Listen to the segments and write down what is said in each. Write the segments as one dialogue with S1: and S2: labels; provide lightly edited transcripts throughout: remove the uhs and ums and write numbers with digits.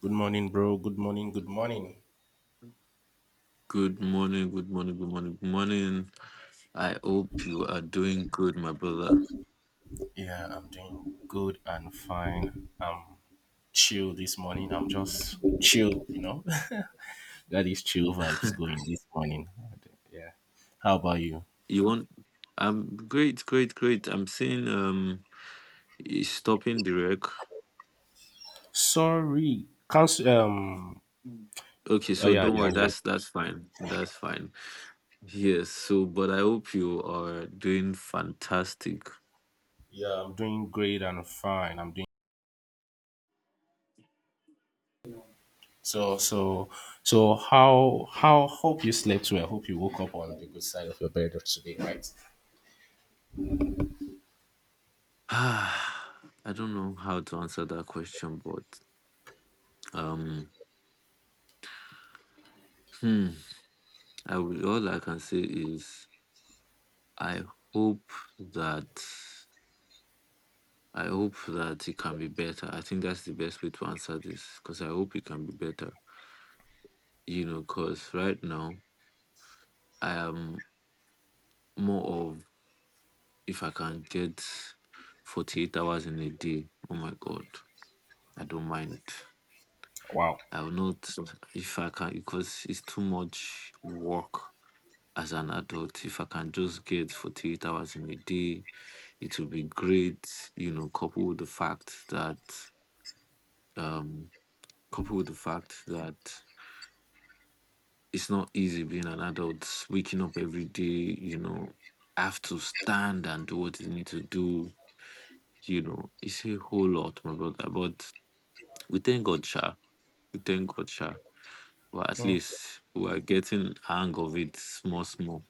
S1: Good morning, bro. Good morning. Good morning.
S2: Good morning, good morning, good morning, good morning. I hope you are doing good, my brother.
S1: Yeah, I'm doing good and fine. I'm chill this morning. I'm just chill, you know. Got these chill vibes going this morning. Yeah. How about you?
S2: You want I'm great, great, great. I'm seeing is stopping the wreck.
S1: Sorry. Cancel.
S2: Okay,
S1: Oh
S2: so
S1: yeah,
S2: don't
S1: yeah,
S2: worry,
S1: yeah.
S2: that's fine. That's fine. Yes, so but I hope you are doing fantastic.
S1: Yeah, I'm doing great and fine. I'm doing so so so. How? Hope you slept well. Hope you woke up on the good side of your bed today, right?
S2: I don't know how to answer that question, but um hmm, I will, all I can say is I hope that hope that it can be better. I think that's the best way to answer this because I hope it can be better. You know, because right now I am more of, if I can get 48 hours in a day, oh my God, I don't mind.
S1: Wow.
S2: I will not, if I can, because it's too much work as an adult. If I can just get 48 hours in a day, it will be great, you know, coupled with the um, fact that it's not easy being an adult, waking up every day, you know, have to stand and do what you need to do, you know, it's a whole lot, my brother. But we thank God, Sha. We thank God, Sha. Well, at
S1: Mm.
S2: least we're getting hang of it, small, small.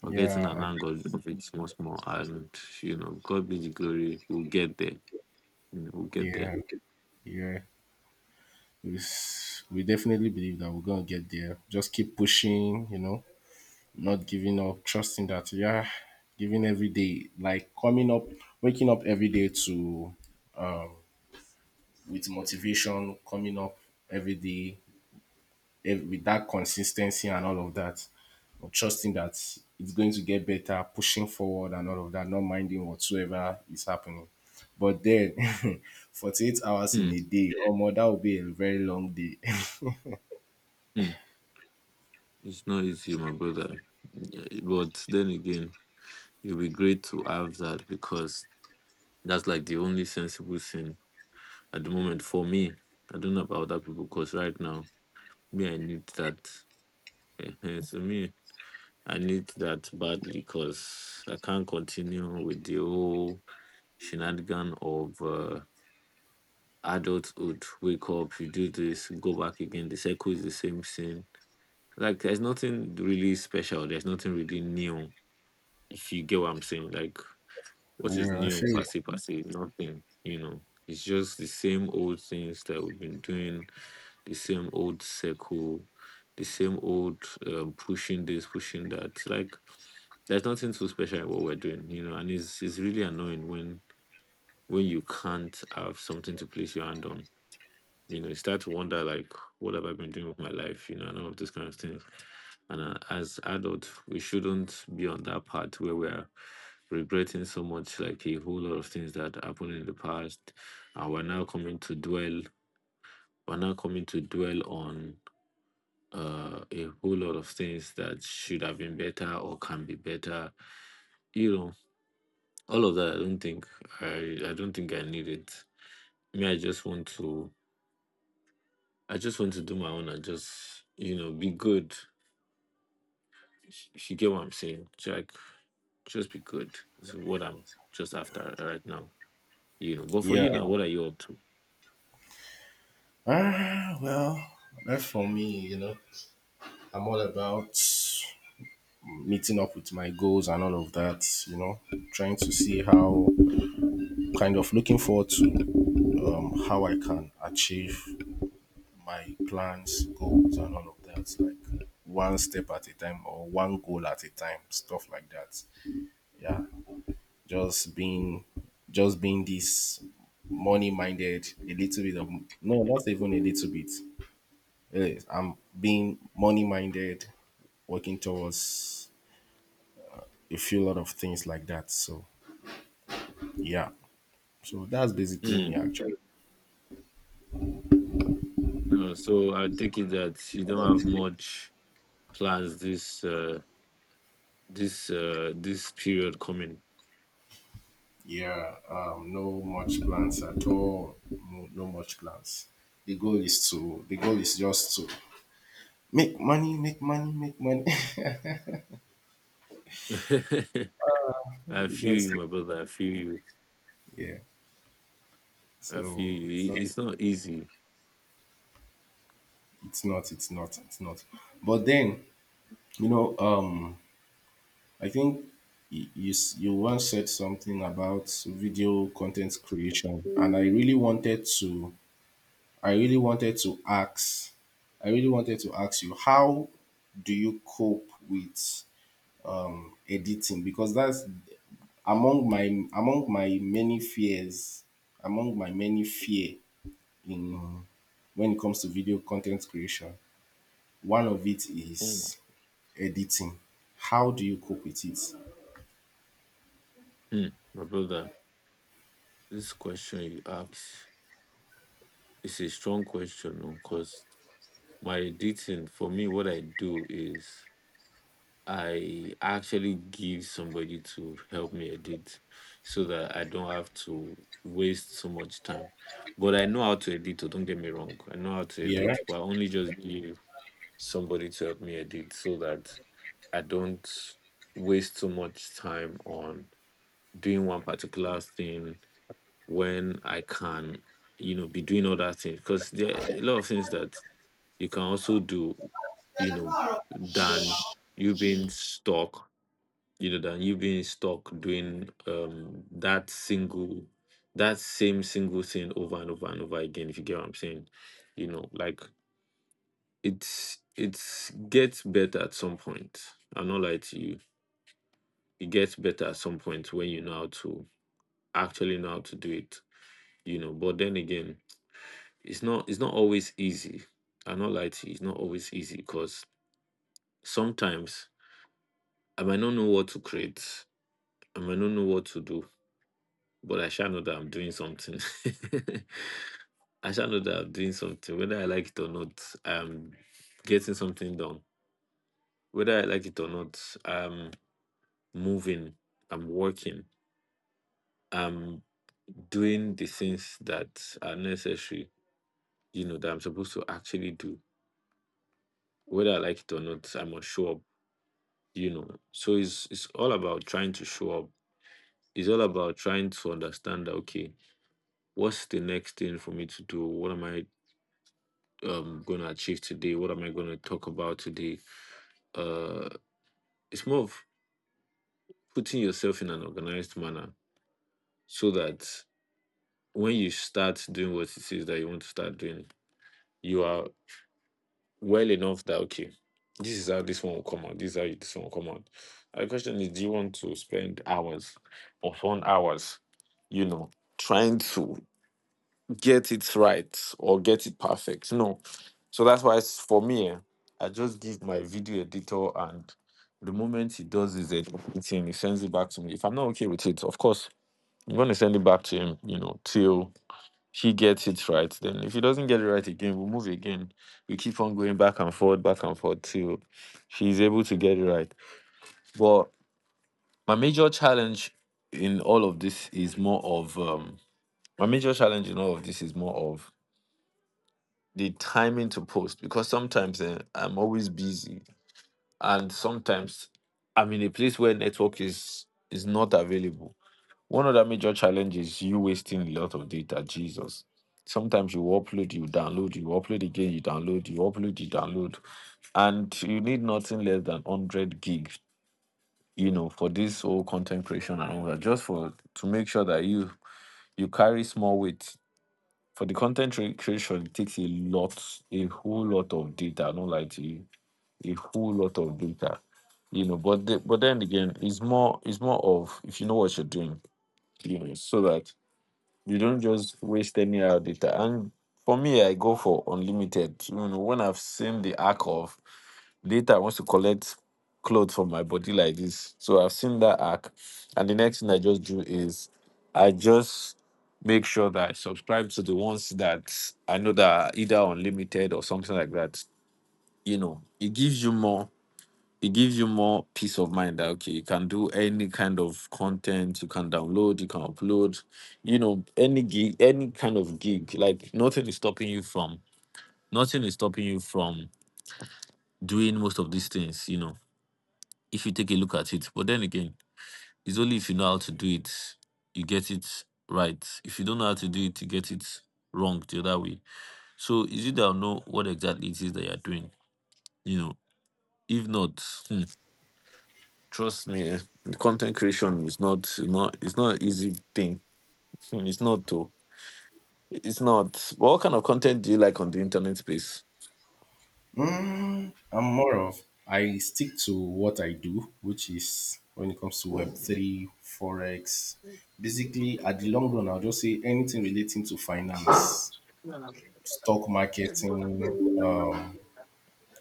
S2: We're getting
S1: Yeah.
S2: an
S1: I
S2: hang of it, small, small. And, you know, God be the glory, we'll get there. You know, we'll get there.
S1: Yeah. Yeah. We definitely believe that we're going to get there. Just keep pushing, you know, not giving up, trusting that, yeah, giving every day, like coming up, waking up every day to, with motivation, coming up every day with that consistency and all of that, or trusting that it's going to get better, pushing forward and all of that, not minding whatsoever is happening. But then, 48 hours in
S2: Hmm.
S1: a day, or more, that would be a very long day.
S2: Hmm. It's not easy, my brother. Yeah, but then again, it'll be great to have that because that's like the only sensible thing at the moment for me. I don't know about other people because right now, me, I need that. So me, I need that badly because I can't continue with the whole shenanigan of adulthood. Wake up, you do this, go back again. The cycle is the same thing. Like, there's nothing really special. There's nothing really new. If you get what I'm saying, like, what is
S1: Yeah, I
S2: new,
S1: feel
S2: per
S1: it.
S2: se, per se? Nothing, you know. It's just the same old things that we've been doing, the same old circle, the same old pushing this, pushing that. Like, there's nothing so special in what we're doing, you know. And it's really annoying when you can't have something to place your hand on, you know, you start to wonder like, what have I been doing with my life? You know, and all of these kind of things. And as adults, we shouldn't be on that part where we are regretting so much, like a whole lot of things that happened in the past, and we're now coming to dwell. We're now coming to dwell on a whole lot of things that should have been better or can be better. You know, all of that. I don't think I don't think I need it. Me, I just want to. I just want to do my own and just, you know, be good. If you get what I'm saying, like, just be good. This is what I'm just after right now. You know, but for
S1: Yeah.
S2: you now, what are you up to?
S1: Ah, well, that's for me, you know. I'm all about meeting up with my goals and all of that, you know, trying to see how, kind of looking forward to how I can achieve my plans, goals, and all of that, like one step at a time or one goal at a time, stuff like that. Yeah, just being just being this money minded, a little bit of, no, not even a little bit. Yes, I'm being money minded, working towards a few lot of things like that. So yeah, so that's basically me
S2: Mm.
S1: actually.
S2: No, so I take it that you don't have much plans this this period coming.
S1: Yeah, no much plans at all. No, no much plans. The goal is just to make money, make money, make money.
S2: I
S1: You don't.
S2: feel
S1: Because
S2: you, my brother. I feel you.
S1: yeah,
S2: I feel
S1: so
S2: you. It- it's not easy.
S1: it's not. But then you know, I think you once said something about video content creation, and I really wanted to I really wanted to ask I really wanted to ask you how do you cope with editing, because that's among my among my many fears among my many fear in, when it comes to video content creation. One of it
S2: Mm.
S1: is editing. How do you cope with it?
S2: Mm. My brother, this question you ask is a strong question because my dating, for me, what I do is I actually give somebody to help me edit so that I don't have to waste so much time. But I know how to edit, oh, don't get me wrong. I know how to
S1: Yeah.
S2: edit, but I only just give somebody to help me edit so that I don't waste so much time on doing one particular thing when I can, you know, be doing other things. Because there are a lot of things that you can also do, you know, than you being stuck you being stuck doing that same single thing over and over and over again, if you get what I'm saying. You know, like, it's gets better at some point. I'm not lie to you. It gets better at some point when you know how to actually know how to do it. You know, but then again, it's not always easy. I'm not lie to you, it's not always easy because sometimes I might not know what to create. I might not know what to do, but I shall know that I'm doing something. I shall know that I'm doing something, whether I like it or not. I'm getting something done, whether I like it or not. I'm moving. I'm working. I'm doing the things that are necessary. You know, that I'm supposed to actually do, whether I like it or not. I must show up. You know, so it's all about trying to show up. It's all about trying to understand that, okay, what's the next thing for me to do? What am I going to achieve today, what am I going to talk about today? uh it's more of putting yourself in an organized manner so that when you start doing what it is that you want to start doing, you are well enough that, okay, this is how this one will come out, this is how this one will come out. And the question is, do you want to spend hours or 1 hours, you know, trying to get it right or get it perfect? No. So that's why it's, for me, I just give my video editor, and the moment he does his editing, he sends it back to me. If I'm not okay with it, of course, I'm gonna send it back to him, you know, till he gets it right. Then if he doesn't get it right again, we'll move again. We keep on going back and forth till he's able to get it right. But my major challenge in all of this is more of my major challenge in all of this is more of the timing to post because sometimes, I'm always busy, and sometimes I'm in a place where network is not available. One of the major challenges is you wasting a lot of data, Jesus. Sometimes you upload, you download, you upload again, you download, you upload, you download. And you need nothing less than 100 gig, you know, for this whole content creation and all that, just for to make sure that you carry small weight for the content creation, it takes a lot, a whole lot of data. I don't lie to you, a whole lot of data. You know, but then again, it's more of if you know what you're doing, you know, so that you don't just waste any other data. And for me, I go for unlimited. You know, when I've seen the arc of later, I want to collect clothes from my body like this. So I've seen that arc. And the next thing I just do is I just make sure that I subscribe to the ones that I know that are either unlimited or something like that. You know, it gives you more. It gives you more peace of mind that, okay, you can do any kind of content, you can download, you can upload, you know, any gig, any kind of gig. Like, nothing is stopping you from, nothing is stopping you from doing most of these things, you know, if you take a look at it. But then again, it's only if you know how to do it, you get it right. If you don't know how to do it, you get it wrong the other way. So, is it that I know what exactly it is that you're doing? You know, if not, hmm, trust me, content creation is not an easy thing. Hmm. It's not though. It's not. What kind of content do you like on the internet space?
S1: I'm more of I stick to what I do, which is when it comes to Web3, forex. Basically, at the long run, I'll just say anything relating to finance, stock marketing, um,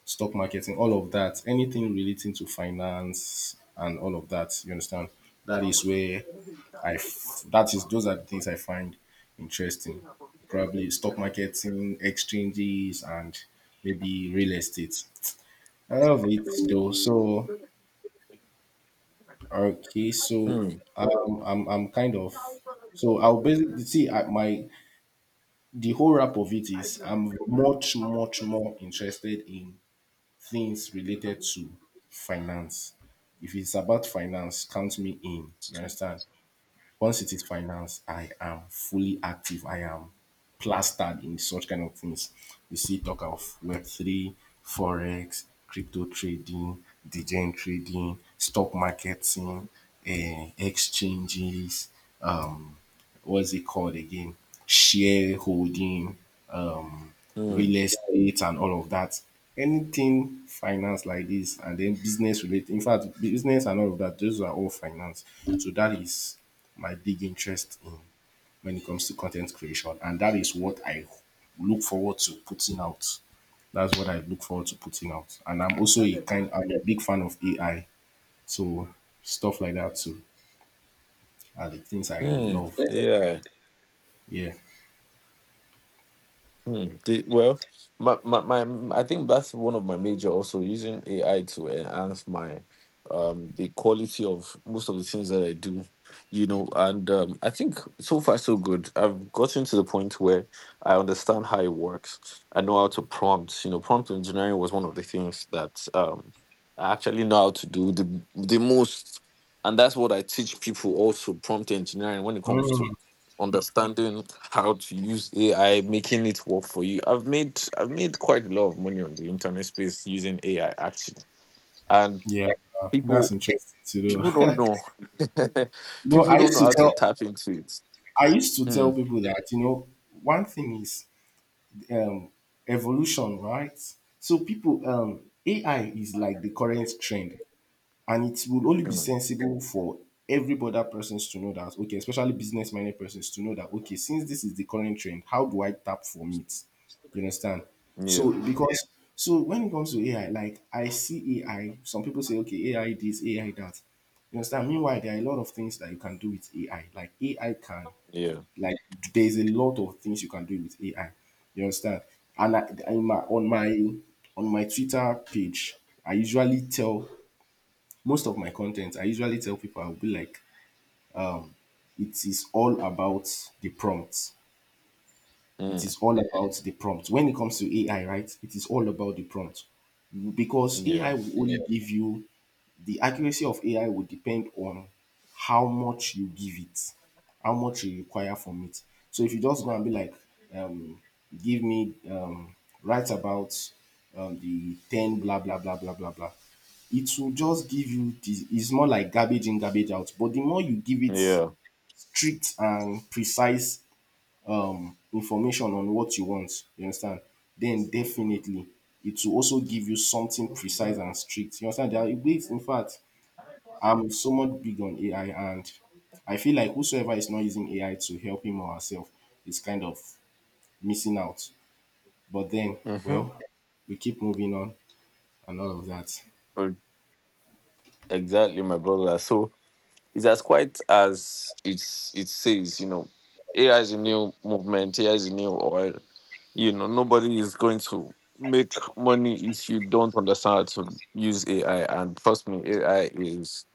S1: stock marketing, all of that. Anything relating to finance and all of that. You understand? That is where that is, those are the things I find interesting. Probably stock marketing, exchanges, and maybe real estate. I love it though. So okay, so
S2: Hmm.
S1: I'm kind of, so I'll basically see I, my the whole wrap of it is I'm much more interested in things related to finance. If it's about finance, count me in. You understand? Once it is finance, I am fully active. I am plastered in such kind of things. You see talk of Web3, Forex, crypto trading, degen trading, stock marketing, eh, exchanges, um, what's it called again? Shareholding, um,
S2: Hmm.
S1: real estate, and all of that. Anything finance like this, and then business related. In fact, business and all of that, those are all finance. So that is my big interest in, when it comes to content creation, and that is what I look forward to putting out. That's what I look forward to putting out, and I'm also a kind. I'm a big fan of AI, so stuff like that too are the things I
S2: Hmm.
S1: love.
S2: Yeah.
S1: Yeah.
S2: Hmm. Well, I think that's one of my major, also using AI to enhance my, the quality of most of the things that I do, you know. And I think so far so good. I've gotten to the point where I understand how it works. I know how to prompt. You know, prompt engineering was one of the things that I actually know how to do the most, and that's what I teach people also, prompt engineering, when it comes to understanding how to use AI, making it work for you. I've made quite a lot of money on the internet space using AI actually, and
S1: Yeah, that's
S2: people,
S1: interesting to
S2: people don't
S1: know.
S2: know
S1: No,
S2: people don't know how to tap into it.
S1: I used to
S2: Hmm.
S1: tell people that you know one thing is um, evolution, right? So people, AI is like the current trend. And it will only be
S2: Hmm.
S1: sensible for every other persons to know that, okay, especially business minded persons to know that, okay, since this is the current trend, how do I tap from it? You understand? So
S2: Yeah,
S1: because, so when it comes to AI, like I see AI, some people say, okay, AI this, AI that. You understand? Meanwhile, there are a lot of things that you can do with AI. Like AI can,
S2: yeah.
S1: like there's a lot of things you can do with AI. You understand? And on my Twitter page, I usually tell most of my content, I usually tell people, I'll be like, it is all about the prompt,
S2: Hmm.
S1: when it comes to AI, right? It is all about the prompt, because AI
S2: Yeah,
S1: will only give you the accuracy of AI will depend on how much you give it, how much you require from it. So if you just go and be like, um, give me, write about the 10 blah, blah, blah, blah, blah, blah, it will just give you, it's more like garbage in, garbage out. But the more you give it
S2: yeah.
S1: strict and precise information on what you want, you understand, then definitely it will also give you something precise and strict. You understand? There are ways, in fact, I'm somewhat big on AI, and I feel like whosoever is not using AI to help him or herself is kind of missing out. But then,
S2: Mm-hmm.
S1: well, we keep moving on and all of that.
S2: Exactly, my brother. So it's as quite as it's, it says, you know. AI is a new movement. AI is a new oil. You know, nobody is going to make money if you don't understand how to use AI. And trust me, AI is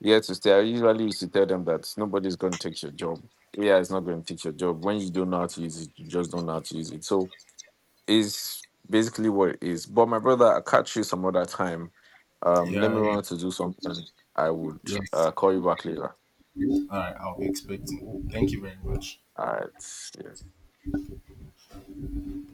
S2: here to stay. I usually used to tell them that nobody's going to take your job. AI is not going to take your job. When you don't know how to use it, you just don't know how to use it. So it's basically what it is. But my brother, I'll catch you some other time. Let me
S1: Yeah, yeah,
S2: run to do something. I would,
S1: yes.
S2: call you back later.
S1: All right, I'll be expecting. Thank you very much.
S2: All right. Yeah.